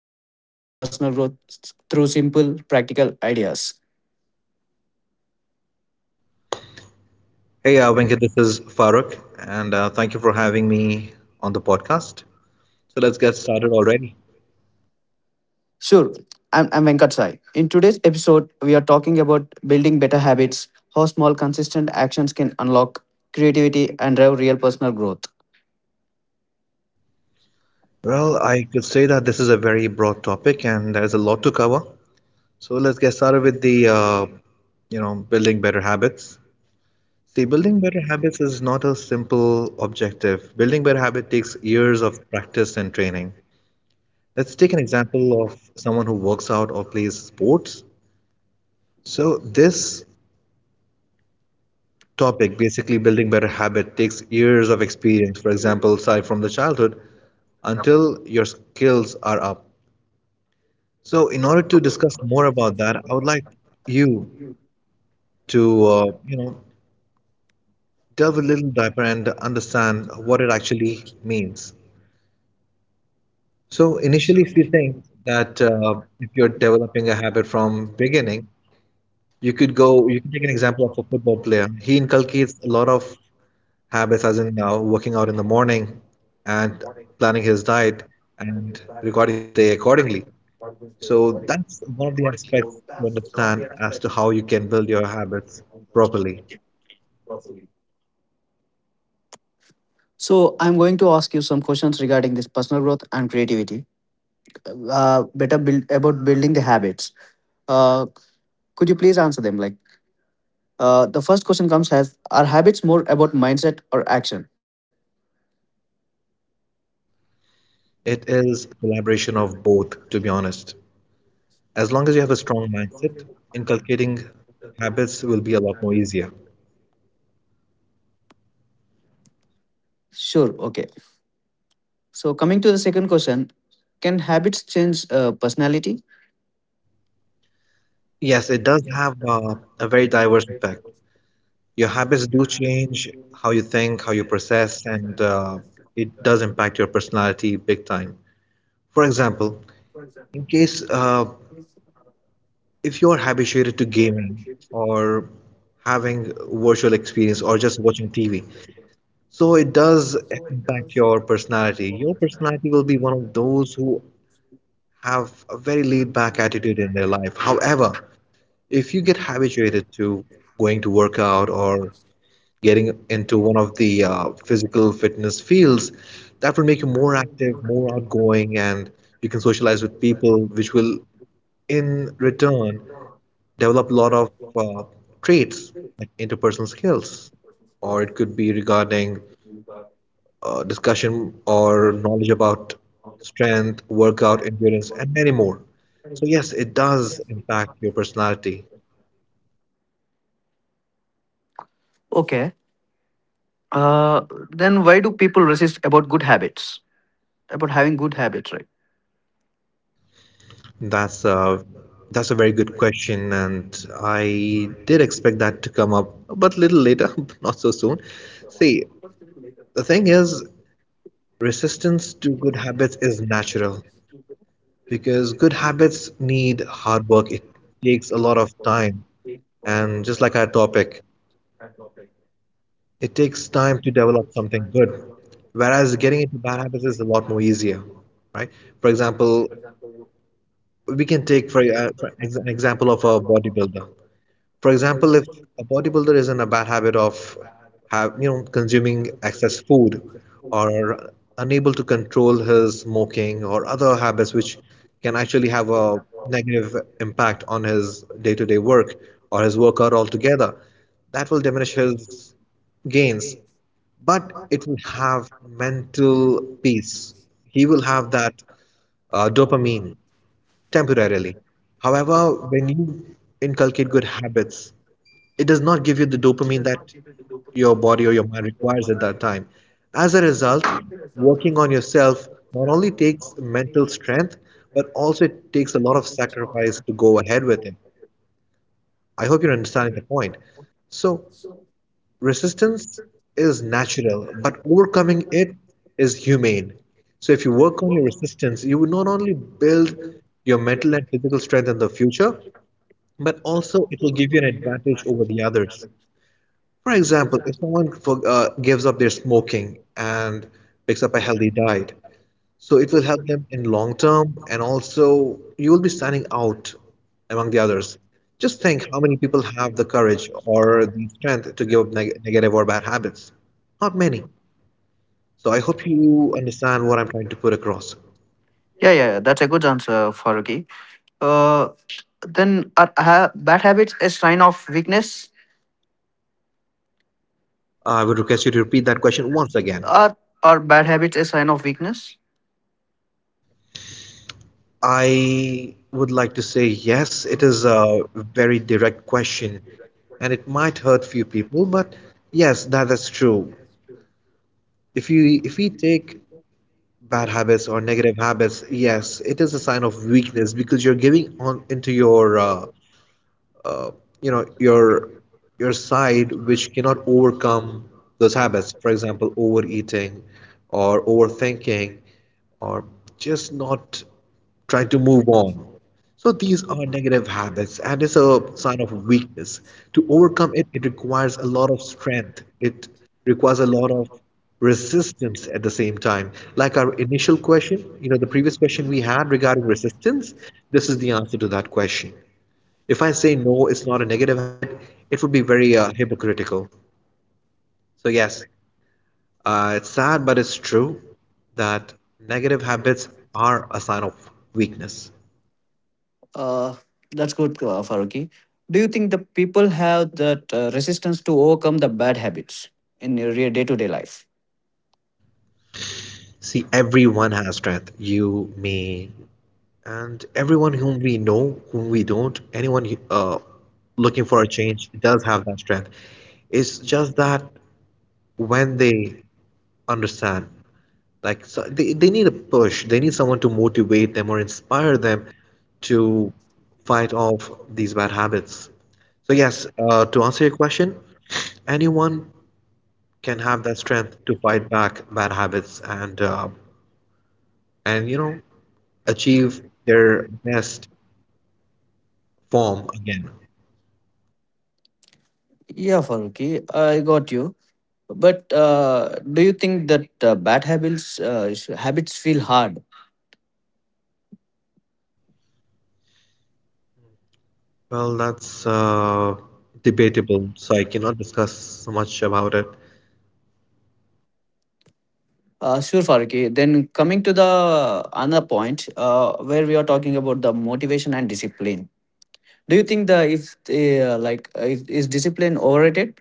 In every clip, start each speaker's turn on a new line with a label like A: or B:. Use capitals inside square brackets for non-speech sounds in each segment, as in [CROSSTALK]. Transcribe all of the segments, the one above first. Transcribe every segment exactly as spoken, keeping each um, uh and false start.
A: creativity and personal growth s- through simple, practical ideas.
B: Hey, uh, Venkat, this is Farooq, and uh, thank you for having me on the podcast. So let's get started already.
A: Sure, I'm, I'm Venkat Sai. In today's episode, we are talking about building better habits, how small, consistent actions can unlock creativity and drive real personal growth.
B: Well, I could say that this is a very broad topic, and there's a lot to cover. So let's get started with the, uh, you know, building better habits. See, building better habits is not a simple objective. Building better habit takes years of practice and training. Let's take an example of someone who works out or plays sports. So this topic, basically building better habit, takes years of experience, for example, aside from the childhood, until your skills are up. So, in order to discuss more about that, I would like you to, uh, you know, delve a little deeper and understand what it actually means. So, initially, if you think that uh, if you're developing a habit from beginning, you could go, you can take an example of a football player. He inculcates a lot of habits, as in now working out in the morning and planning his diet and recording his day accordingly. So that's one of the aspects to understand as to how you can build your habits properly.
A: So, I'm going to ask you some questions regarding this personal growth and creativity. Uh, better build about building the habits. Uh, could you please answer them? Like, Uh, the first question comes as, are habits more about mindset or action?
B: It is collaboration of both, to be honest. As long as you have a strong mindset, inculcating habits will be a lot more easier.
A: Sure, okay. So, coming to the second question, can habits change uh, personality?
B: Yes, it does have uh, a very diverse effect. Your habits do change how you think, how you process, and uh, it does impact your personality big time. For example, in case uh, if you are habituated to gaming or having virtual experience or just watching T V, so it does impact your personality. Your personality will be one of those who have a very laid back attitude in their life. However, if you get habituated to going to work out or getting into one of the uh, physical fitness fields, that will make you more active, more outgoing, and you can socialize with people, which will in return develop a lot of uh, traits like interpersonal skills, or it could be regarding uh, discussion or knowledge about strength workout endurance and many more. So yes, it does impact your personality.
A: Okay. Uh, then why do people resist about good habits? About having good habits, right?
B: That's a that's a very good question, and I did expect that to come up, but little later, [LAUGHS] but not so soon. See, the thing is, resistance to good habits is natural because good habits need hard work. It takes a lot of time. And just like our topic, it takes time to develop something good. Whereas getting into bad habits is a lot more easier, right? For example, we can take for, uh, for ex- an example of a bodybuilder. For example, if a bodybuilder is in a bad habit of have you know consuming excess food, or unable to control his smoking or other habits which can actually have a negative impact on his day-to-day work or his workout altogether, that will diminish his gains, but it will have mental peace. He will have that uh, dopamine temporarily. However, when you inculcate good habits, it does not give you the dopamine that your body or your mind requires at that time. As a result, working on yourself not only takes mental strength, but also it takes a lot of sacrifice to go ahead with it. I hope you're understanding the point. So, resistance is natural, but overcoming it is humane. So, if you work on your resistance, you will not only build your mental and physical strength in the future, but also it will give you an advantage over the others. For example, if someone for, uh, gives up their smoking and picks up a healthy diet, so it will help them in long term, and also you will be standing out among the others. Just think how many people have the courage or the strength to give up neg- negative or bad habits. Not many. So I hope you understand what I'm trying to put across.
A: Yeah, yeah, yeah. That's a good answer, Faruqi. Uh, then are ha- bad habits a sign of weakness?
B: I would request you to repeat that question once again.
A: Are are bad habits a sign of weakness?
B: I would like to say yes, it is a very direct question, and it might hurt few people, but yes, that is true. If you if we take bad habits or negative habits, yes, it is a sign of weakness because you're giving on into your uh, uh, you know your your side which cannot overcome those habits. For example, overeating, or overthinking, or just not trying to move on. So these are negative habits, and it's a sign of weakness. To overcome it, it requires a lot of strength. It requires a lot of resistance at the same time, like our initial question, you know the previous question we had regarding resistance. This is the answer to that question. If I say no, it's not a negative habit, it would be very uh, hypocritical. So, yes, uh, it's sad, but it's true that negative habits are a sign of weakness.
A: Uh, that's good, uh, Faruqi. Do you think the people have that uh, resistance to overcome the bad habits in your day to day life?
B: See, everyone has strength. You, me, and everyone whom we know, whom we don't, anyone uh, looking for a change does have that strength. It's just that when they understand. Like, so they, they need a push. They need someone to motivate them or inspire them to fight off these bad habits. So yes, uh, to answer your question, anyone can have that strength to fight back bad habits and uh, and you know achieve their best form again.
A: Yeah, Faruqi, I got you. But uh, do you think that uh, bad habits uh, sh- habits feel hard?
B: Well, that's uh, debatable, so I cannot discuss so much about it.
A: Uh, sure, Faruqi. Then coming to the another point uh, where we are talking about the motivation and discipline. Do you think the if uh, like uh, if, is discipline overrated?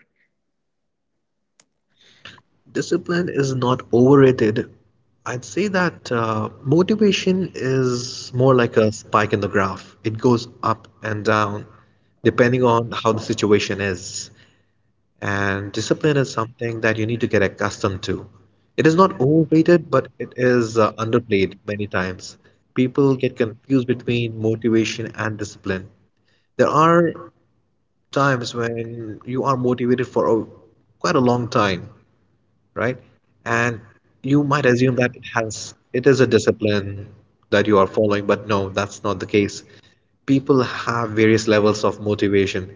B: Discipline is not overrated. I'd say that uh, motivation is more like a spike in the graph. It goes up and down depending on how the situation is. And discipline is something that you need to get accustomed to. It is not overrated, but it is uh, underplayed many times. People get confused between motivation and discipline. There are times when you are motivated for a, quite a long time, right? And you might assume that it has it is a discipline that you are following, but no, that's not the case. People have various levels of motivation.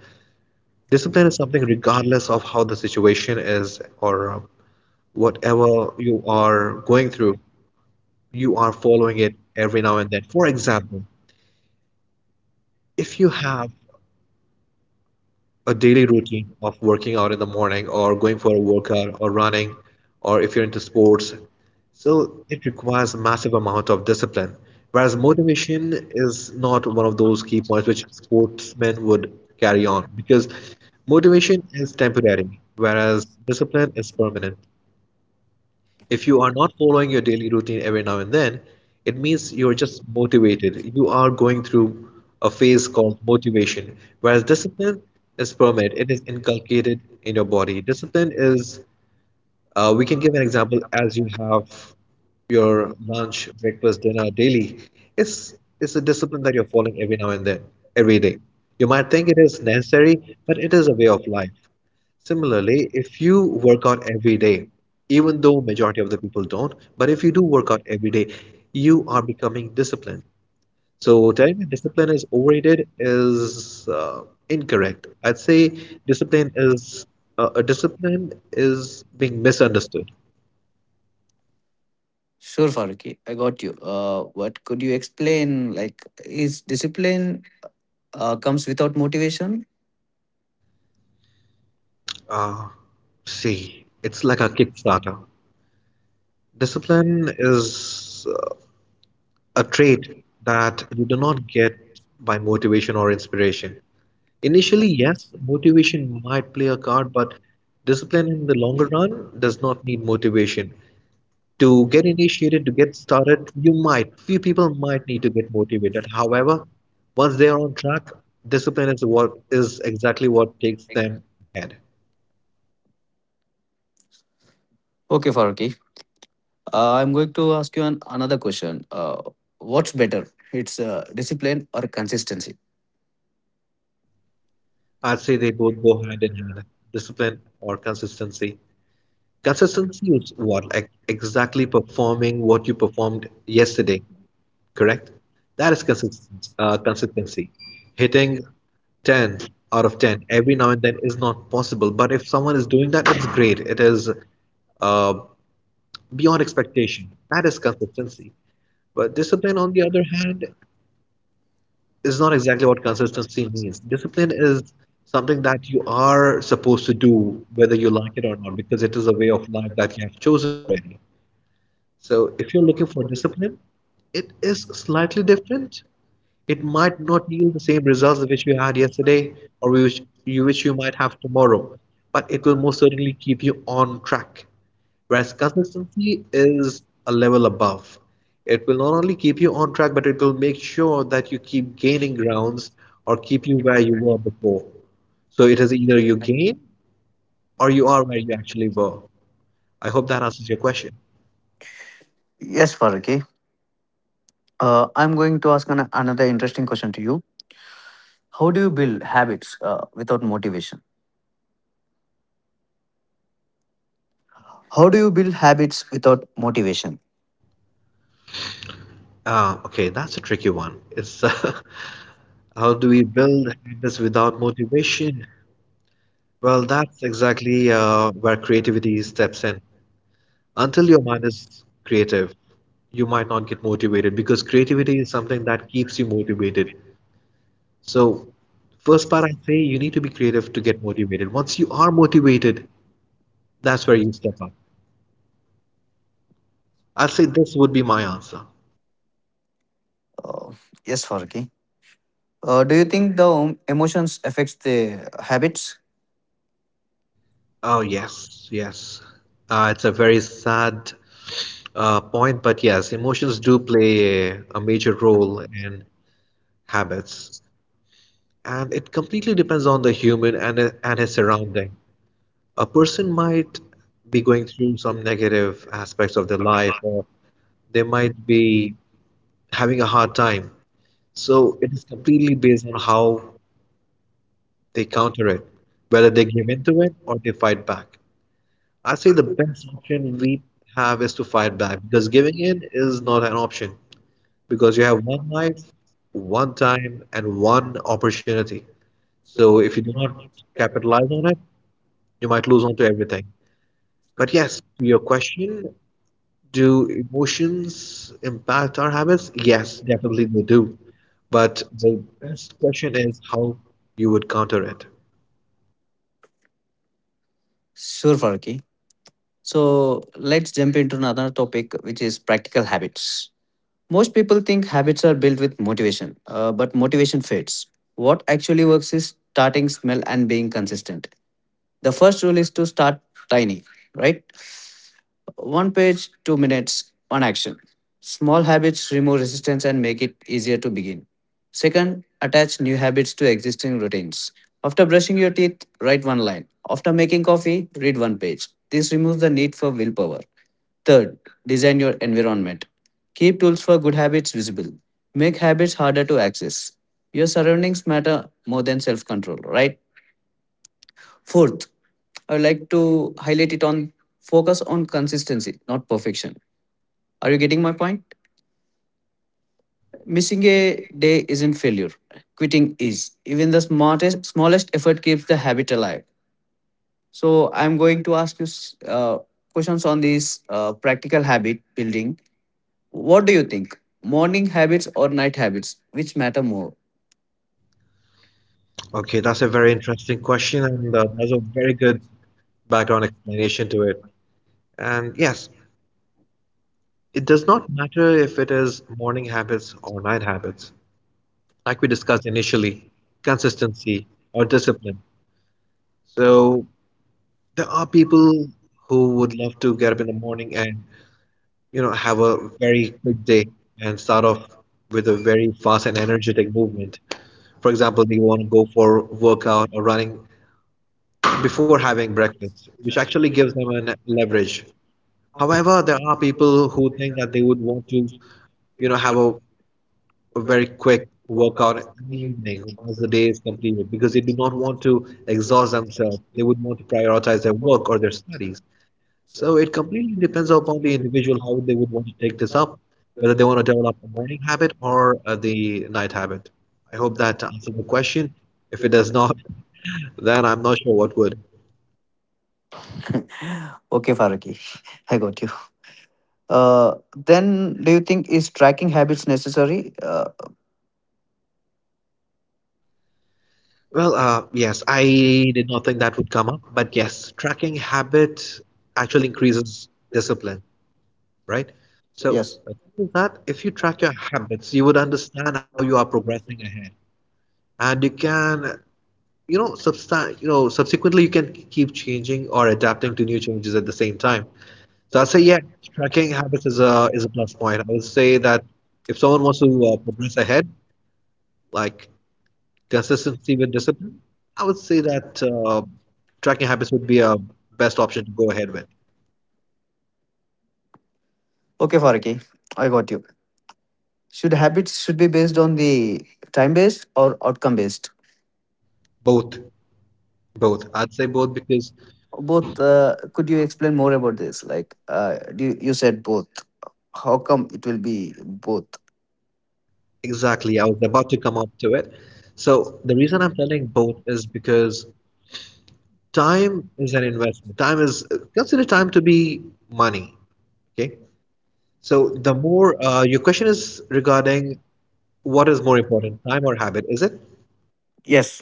B: Discipline is something regardless of how the situation is or uh, whatever you are going through, you are following it every now and then. For example, if you have a daily routine of working out in the morning or going for a workout or running or if you're into sports. So it requires a massive amount of discipline. Whereas motivation is not one of those key points which sportsmen would carry on, because motivation is temporary, whereas discipline is permanent. If you are not following your daily routine every now and then, it means you're just motivated. You are going through a phase called motivation, whereas discipline is permanent. It is inculcated in your body. Discipline is, uh, we can give an example as you have your lunch, breakfast, dinner daily. It's it's a discipline that you're following every now and then, every day. You might think it is necessary, but it is a way of life. Similarly, if you work out every day, even though majority of the people don't, but if you do work out every day, you are becoming disciplined. So telling me discipline is overrated is uh, incorrect. I'd say discipline is uh, a discipline is being misunderstood.
A: Sure, Faruqi, I got you. Uh, what could you explain? Like, is discipline uh, comes without motivation?
B: Uh, See, it's like a Kickstarter. Discipline is uh, a trait that you do not get by motivation or inspiration. Initially, yes, motivation might play a card, but discipline in the longer run does not need motivation. To get initiated, to get started, you might, few people might need to get motivated. However, once they are on track, discipline is what is exactly what takes them ahead.
A: Okay, Faruqi, uh, I'm going to ask you an, another question. Uh, what's better? It's uh, discipline or consistency?
B: I'd say they both go hand in hand, discipline or consistency. Consistency is what? Like exactly performing what you performed yesterday, correct? That is consistent, uh, consistency. Hitting ten out of ten every now and then is not possible, but if someone is doing that, it's great. It is uh, beyond expectation. That is consistency. But discipline, on the other hand, is not exactly what consistency means. Discipline is something that you are supposed to do, whether you like it or not, because it is a way of life that you have chosen already. So if you're looking for discipline, it is slightly different. It might not yield the same results which you had yesterday or which you which you might have tomorrow, but it will most certainly keep you on track. Whereas consistency is a level above. It will not only keep you on track, but it will make sure that you keep gaining grounds or keep you where you were before. So it is either you gain or you are where you actually were. I hope that answers your question.
A: Yes, Faruqi. Uh, I'm going to ask an, another interesting question to you. How do you build habits uh, without motivation? How do you build habits without motivation?
B: Ah, okay, that's a tricky one. It's uh, [LAUGHS] how do we build habits without motivation? Well, that's exactly uh, where creativity steps in. Until your mind is creative, you might not get motivated because creativity is something that keeps you motivated. So, first part I say you need to be creative to get motivated. Once you are motivated, that's where you step up. I'll say this would be my answer.
A: Uh, yes, Faruqi. Uh, do you think the em- emotions affects the habits?
B: Oh, yes, yes. Uh, it's a very sad uh, point, but yes, emotions do play a, a major role in habits, and it completely depends on the human and and his surrounding. A person might be going through some negative aspects of their life, or they might be having a hard time. So it is completely based on how they counter it, whether they give in to it or they fight back. I say the best option we have is to fight back because giving in is not an option. Because you have one life, one time, and one opportunity. So if you do not capitalize on it, you might lose on to everything. But yes, to your question, do emotions impact our habits? Yes, definitely they do. But the best question is how you would counter it.
A: Sure, Farki. So let's jump into another topic, which is practical habits. Most people think habits are built with motivation, uh, but motivation fades. What actually works is starting small and being consistent. The first rule is to start tiny, right? One page, two minutes, one action. Small habits remove resistance and make it easier to begin. Second, attach new habits to existing routines. After brushing your teeth, write one line. After making coffee, read one page. This removes the need for willpower. Third, design your environment. Keep tools for good habits visible. Make habits harder to access. Your surroundings matter more than self control, right? Fourth, I would like to highlight it on focus on consistency, not perfection. Are you getting my point? Missing a day isn't failure. Quitting is. Even the smartest, smallest effort keeps the habit alive. So I'm going to ask you s- uh, questions on this uh, practical habit building. What do you think? Morning habits or night habits? Which matter more?
B: Okay, that's a very interesting question, and uh, there's a very good background explanation to it. And yes, it does not matter if it is morning habits or night habits. Like we discussed initially, consistency or discipline. So there are people who would love to get up in the morning and, you know, have a very quick day and start off with a very fast and energetic movement. For example, they want to go for workout or running before having breakfast, which actually gives them an leverage. However, there are people who think that they would want to, you know, have a a very quick workout in the evening once the day is completed because they do not want to exhaust themselves. They would want to prioritize their work or their studies. So it completely depends upon the individual how they would want to take this up, whether they want to develop a morning habit or uh, the night habit. I hope that answered the question. If it does not, [LAUGHS] then I'm not sure what would.
A: [LAUGHS] Okay, Faraki, [LAUGHS] I got you. Uh, then do you think is tracking habits necessary? Uh,
B: Well, uh, yes, I did not think that would come up, but yes, tracking habit actually increases discipline. Right? So
A: yes.
B: uh, with that, if you track your habits, you would understand how you are progressing ahead, and you can, you know, substan- you know, subsequently you can keep changing or adapting to new changes at the same time. So I say, yeah, tracking habits is a is a plus point. I would say that if someone wants to uh, progress ahead, like consistency with discipline, I would say that uh, tracking habits would be a best option to go ahead with.
A: Okay, Faraki, I got you. Should habits should be based on the time based or outcome based?
B: Both, both. I'd say both because
A: Both. Uh, could you explain more about this? Like, uh, you, you said both. How come it will be both?
B: Exactly. I was about to come up to it. So the reason I'm telling both is because time is an investment. Time is Consider time to be money. Okay. So the more uh, your question is regarding what is more important, time or habit, is it?
A: Yes.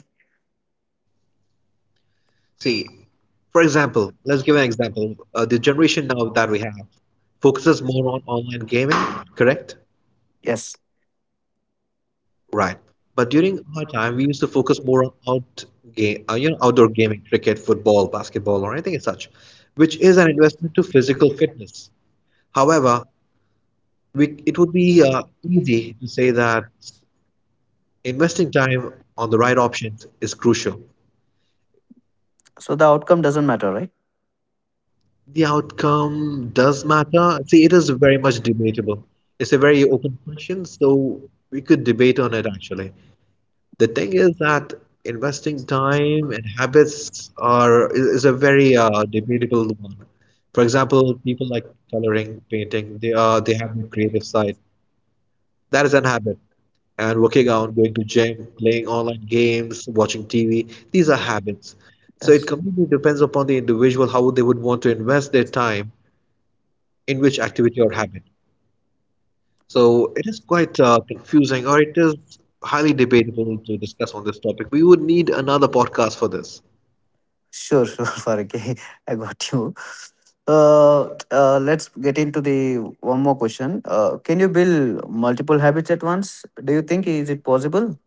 B: See, for example, let's give an example. Uh, the generation now that we have focuses more on online gaming, correct?
A: Yes.
B: Right. But during our time, we used to focus more on out game, uh, you know, outdoor gaming, cricket, football, basketball, or anything as such, which is an investment to physical fitness. However, we, it would be uh, easy to say that investing time on the right options is crucial.
A: So the outcome doesn't matter, right?
B: The outcome does matter. See, it is very much debatable. It's a very open question, so we could debate on it actually. The thing is that investing time and habits are is, is a very uh, debatable one. For example, people like coloring, painting, they are they have a creative side. That is an habit. And working out, going to gym, playing online games, watching T V, these are habits. So it
A: Yes.
B: completely depends upon the individual how they would want to invest their time in which activity or habit. So it is quite uh, confusing, or it is highly debatable to discuss on this topic. We would need another podcast for this.
A: Sure, sure, [LAUGHS] Farke. I got you. Uh, t- uh, let's get into the one more question. Uh, can you build multiple habits at once? Do you think is it possible?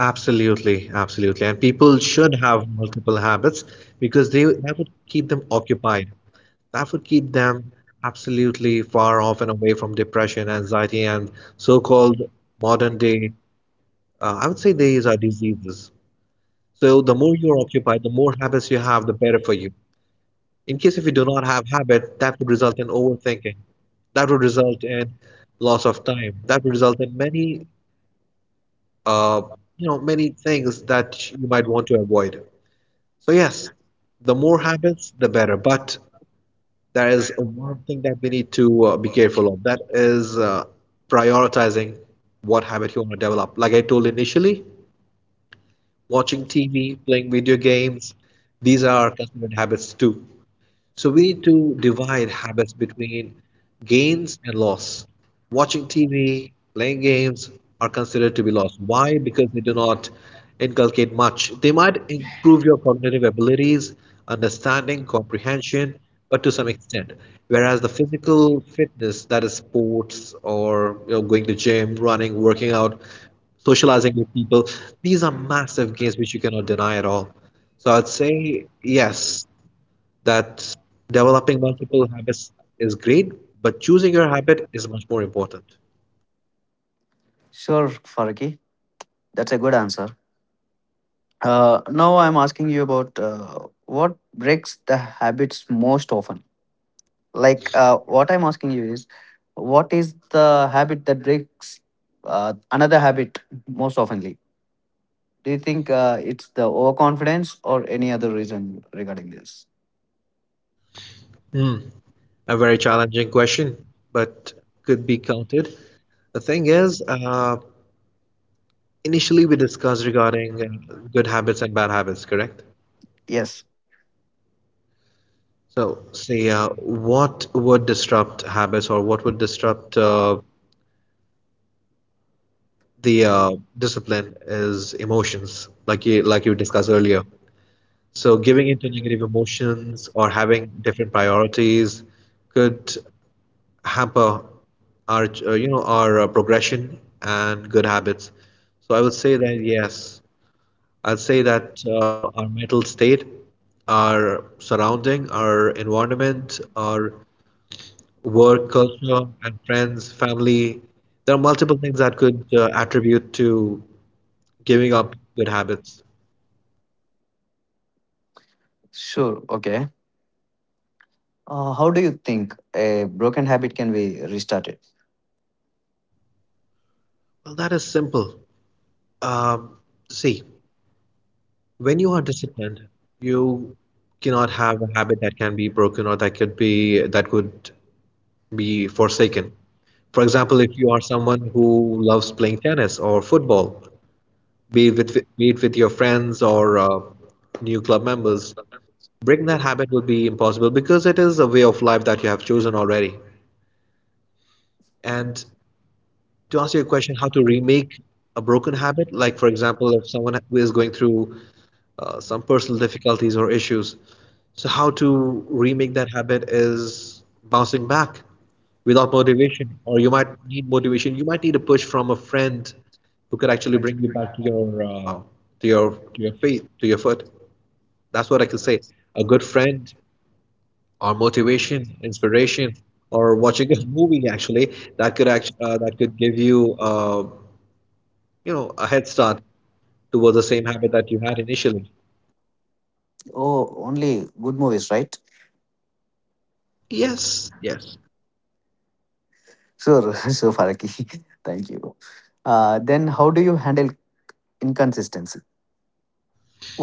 B: Absolutely, absolutely. And people should have multiple habits because they that would keep them occupied. That would keep them absolutely far off and away from depression, anxiety, and so-called modern day, uh, I would say these are diseases. So the more you're occupied, the more habits you have, the better for you. In case if you do not have habit, that would result in overthinking. That would result in loss of time. That would result in many, uh, you know, many things that you might want to avoid. So yes, the more habits, the better. But there is one thing that we need to uh, be careful of. That is uh, prioritizing what habit you want to develop. Like I told initially, watching T V, playing video games, these are considered habits too. So we need to divide habits between gains and loss. Watching T V, playing games are considered to be loss. Why? Because they do not inculcate much. They might improve your cognitive abilities, understanding, comprehension, but to some extent. Whereas the physical fitness, that is sports or, you know, going to gym, running, working out, socializing with people, these are massive gains which you cannot deny at all. So I'd say yes, that developing multiple habits is great, but choosing your habit is much more important.
A: Sure, Faraki. That's a good answer. Uh, now I'm asking you about uh, what breaks the habits most often. Like uh, what I'm asking you is, what is the habit that breaks uh, another habit most oftenly? Do you think uh, it's the overconfidence or any other reason regarding this?
B: Hmm. A very challenging question, but could be counted. The thing is, uh, initially we discussed regarding uh, good habits and bad habits, correct?
A: Yes,
B: So, say, uh, what would disrupt habits or what would disrupt uh, the uh, discipline is emotions, like you like you discussed earlier. So giving into negative emotions or having different priorities could hamper our, uh, you know, our uh, progression and good habits. So I would say that yes, I'd say that uh, our mental state, our surrounding, our environment, our work culture, and friends, family, there are multiple things that could uh, attribute to giving up good habits.
A: sure, okay. Uh, how do you think a broken habit can be restarted?
B: Well, that is simple. Um, See, when you are disciplined, you cannot have a habit that can be broken or that could be that could be forsaken. For example, if you are someone who loves playing tennis or football, be it with, be it with your friends or uh, new club members, breaking that habit will be impossible because it is a way of life that you have chosen already. And to answer your question, how to remake a broken habit, like for example, if someone who is going through uh, some personal difficulties or issues. So, how to remake that habit is bouncing back without motivation, or you might need motivation. You might need a push from a friend who could actually bring you back to your, uh, to your to your feet, to your foot. That's what I can say. A good friend, or motivation, inspiration, or watching a movie actually, that could actually, uh, that could give you, uh, you know a head start towards the same habit that you had initially.
A: Oh, only good movies, right?
B: Yes, yes.
A: Sure, [LAUGHS] sure, Faraki. [LAUGHS] Thank you. Uh, then how do you handle inconsistency?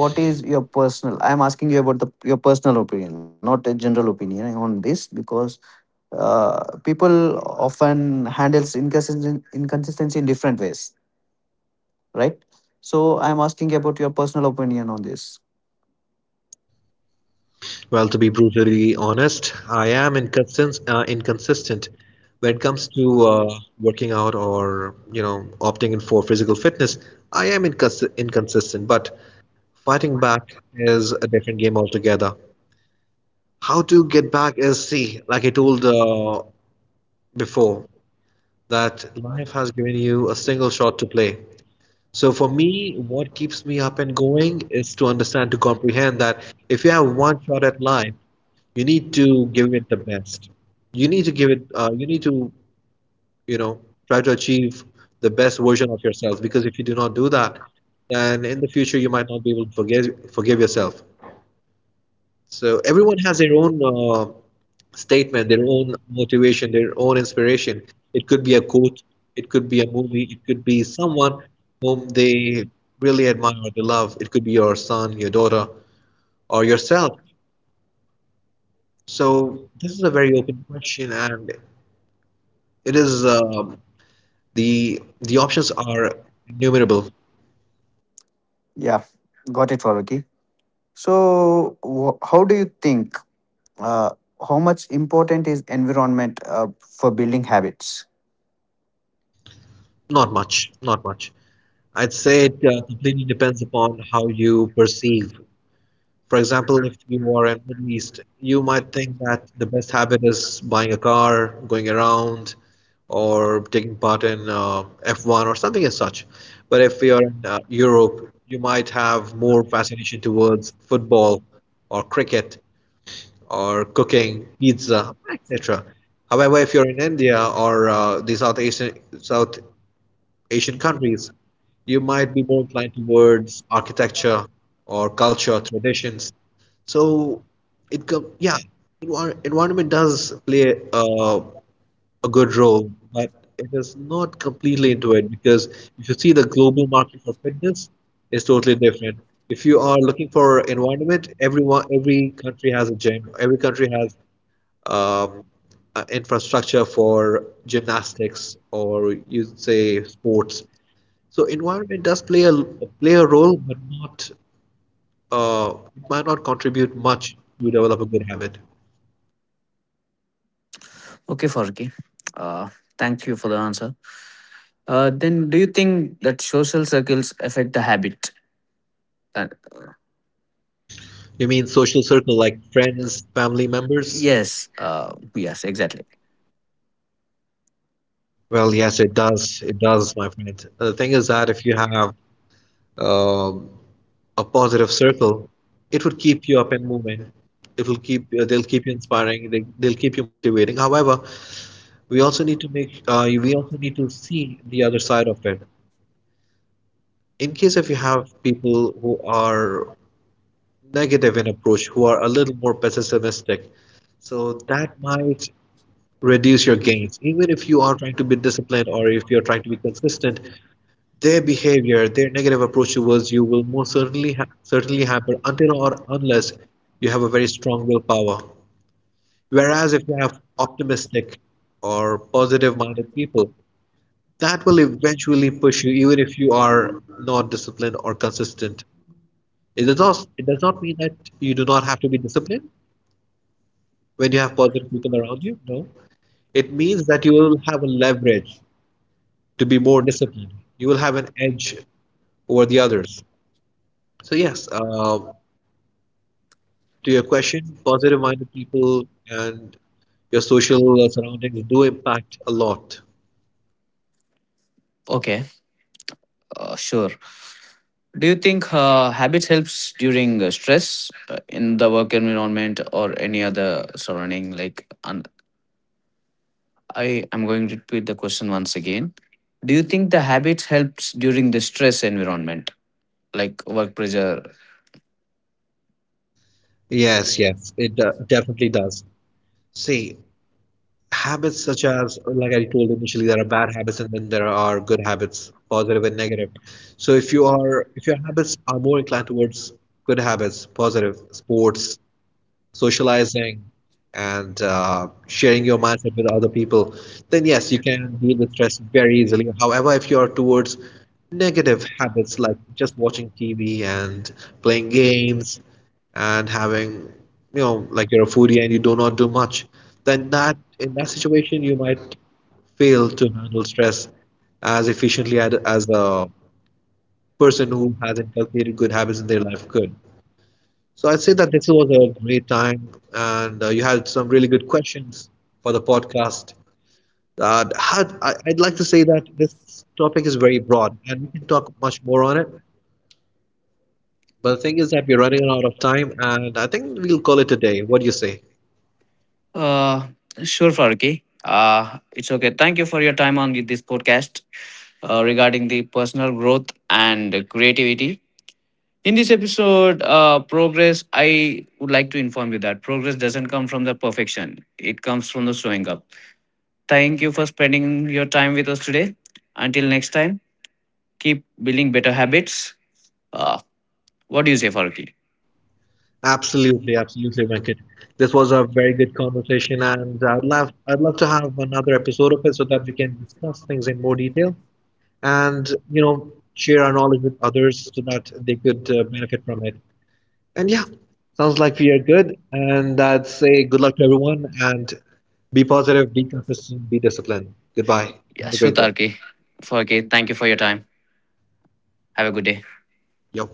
A: What is your personal, I'm asking you about the your personal opinion, not a general opinion on this, because uh, people often handles inconsistency, inconsistency in different ways, right? So I'm asking you about your personal opinion on this.
B: Well, to be brutally honest, I am inconsistent, uh, inconsistent when it comes to uh, working out, or, you know opting in for physical fitness. I am incons- inconsistent, but fighting back is a different game altogether. How to get back is, see, like I told uh, before, that life has given you a single shot to play. So for me, what keeps me up and going is to understand, to comprehend that if you have one shot at life, You need to give it, the best. You need to give it, uh, you need to, you know, try to achieve the best version of yourself, because if you do not do that, then in the future you might not be able to forgive, forgive yourself. So everyone has their own uh, statement, their own motivation, their own inspiration. It could be a quote, it could be a movie, it could be someone whom they really admire or they love. It could be your son, your daughter, or yourself. So this is a very open question, and It is um the the options are innumerable.
A: Yeah, got it, Faruki. So wh- how do you think, uh, how much important is environment uh, for building habits?
B: Not much, not much. I'd say it uh, completely depends upon how you perceive. For example, if you are in Middle East, you might think that the best habit is buying a car, going around, or taking part in uh, F one or something as such. But if you're in uh, Europe, you might have more fascination towards football or cricket or cooking pizza, et cetera. However, if you're in India or uh, the South Asian South Asian countries, you might be more inclined towards architecture or culture traditions. So it com yeah, envir environment does play uh, a good role, but it is not completely into it because if you see the global market for fitness is totally different. If you are looking for environment, everyone, every country has a gym, every country has um, uh, infrastructure for gymnastics or, you say, sports. So environment does play a play a role, but not uh, it might not contribute much to develop a good habit.
A: Okay, Faruki. uh, Thank you for the answer. Uh, then do you think that social circles affect the habit? Uh,
B: You mean social circle like friends, family members?
A: yes. Uh, yes. Exactly.
B: Well, yes, it does. It does, my friend. The thing is that if you have um, a positive circle, it would keep you up and moving. It will keep, uh, they'll keep you inspiring. They, they'll keep you motivating. However, we also need to make uh, we also need to see the other side of it in case if you have people who are negative in approach, who are a little more pessimistic, so that might reduce your gains even if you are trying to be disciplined or if you're trying to be consistent. Their behavior, their negative approach towards you will most certainly ha- certainly happen until or unless you have a very strong willpower. Whereas if you have optimistic or positive minded people, that will eventually push you even if you are not disciplined or consistent. It does not it does not mean that you do not have to be disciplined when you have positive people around you. No, it means that you will have a leverage to be more disciplined. You will have an edge over the others. So yes, um to your question, positive minded people and your social surroundings do impact a lot.
A: Okay. Uh, sure. Do you think uh, habits helps during uh, stress uh, in the work environment or any other surrounding? Like, un- I am going to repeat the question once again. Do you think the habits helps during the stress environment, like work pressure.
B: Yes, yes, it uh, definitely does. See, habits such as, like I told initially, there are bad habits and then there are good habits, positive and negative. So if you are if your habits are more inclined towards good habits, positive, sports, socializing, and uh, sharing your mindset with other people, then yes, you can deal with stress very easily. However, if you are towards negative habits like just watching T V and playing games and having, you know, like you're a foodie and you do not do much, then that in that situation you might fail to handle stress as efficiently ad- as a person who has inculcated good habits in their life could. So I'd say that this was a great time, and uh, you had some really good questions for the podcast. Uh, had, I, I'd like to say that this topic is very broad, and we can talk much more on it. But the thing is that we're running out of time, and I think we'll call it a day. What do you say?
A: Uh, sure, Faruqi. Uh, it's okay. Thank you for your time on this podcast uh, regarding the personal growth and creativity. In this episode, uh, progress, I would like to inform you that progress doesn't come from the perfection. It comes from the showing up. Thank you for spending your time with us today. Until next time, keep building better habits. Uh, what do you say, Faruqi?
B: Absolutely, absolutely, Venkat. This was a very good conversation, and I'd love I'd love to have another episode of it so that we can discuss things in more detail and, you know share our knowledge with others so that they could uh, benefit from it. And yeah, sounds like we are good. And I'd say good luck to everyone and be positive, be consistent, be disciplined. Goodbye.
A: Yeah,
B: Have a
A: sure,
B: great day.
A: Tarki. Faruqi, thank you for your time. Have a good day.
B: Yo.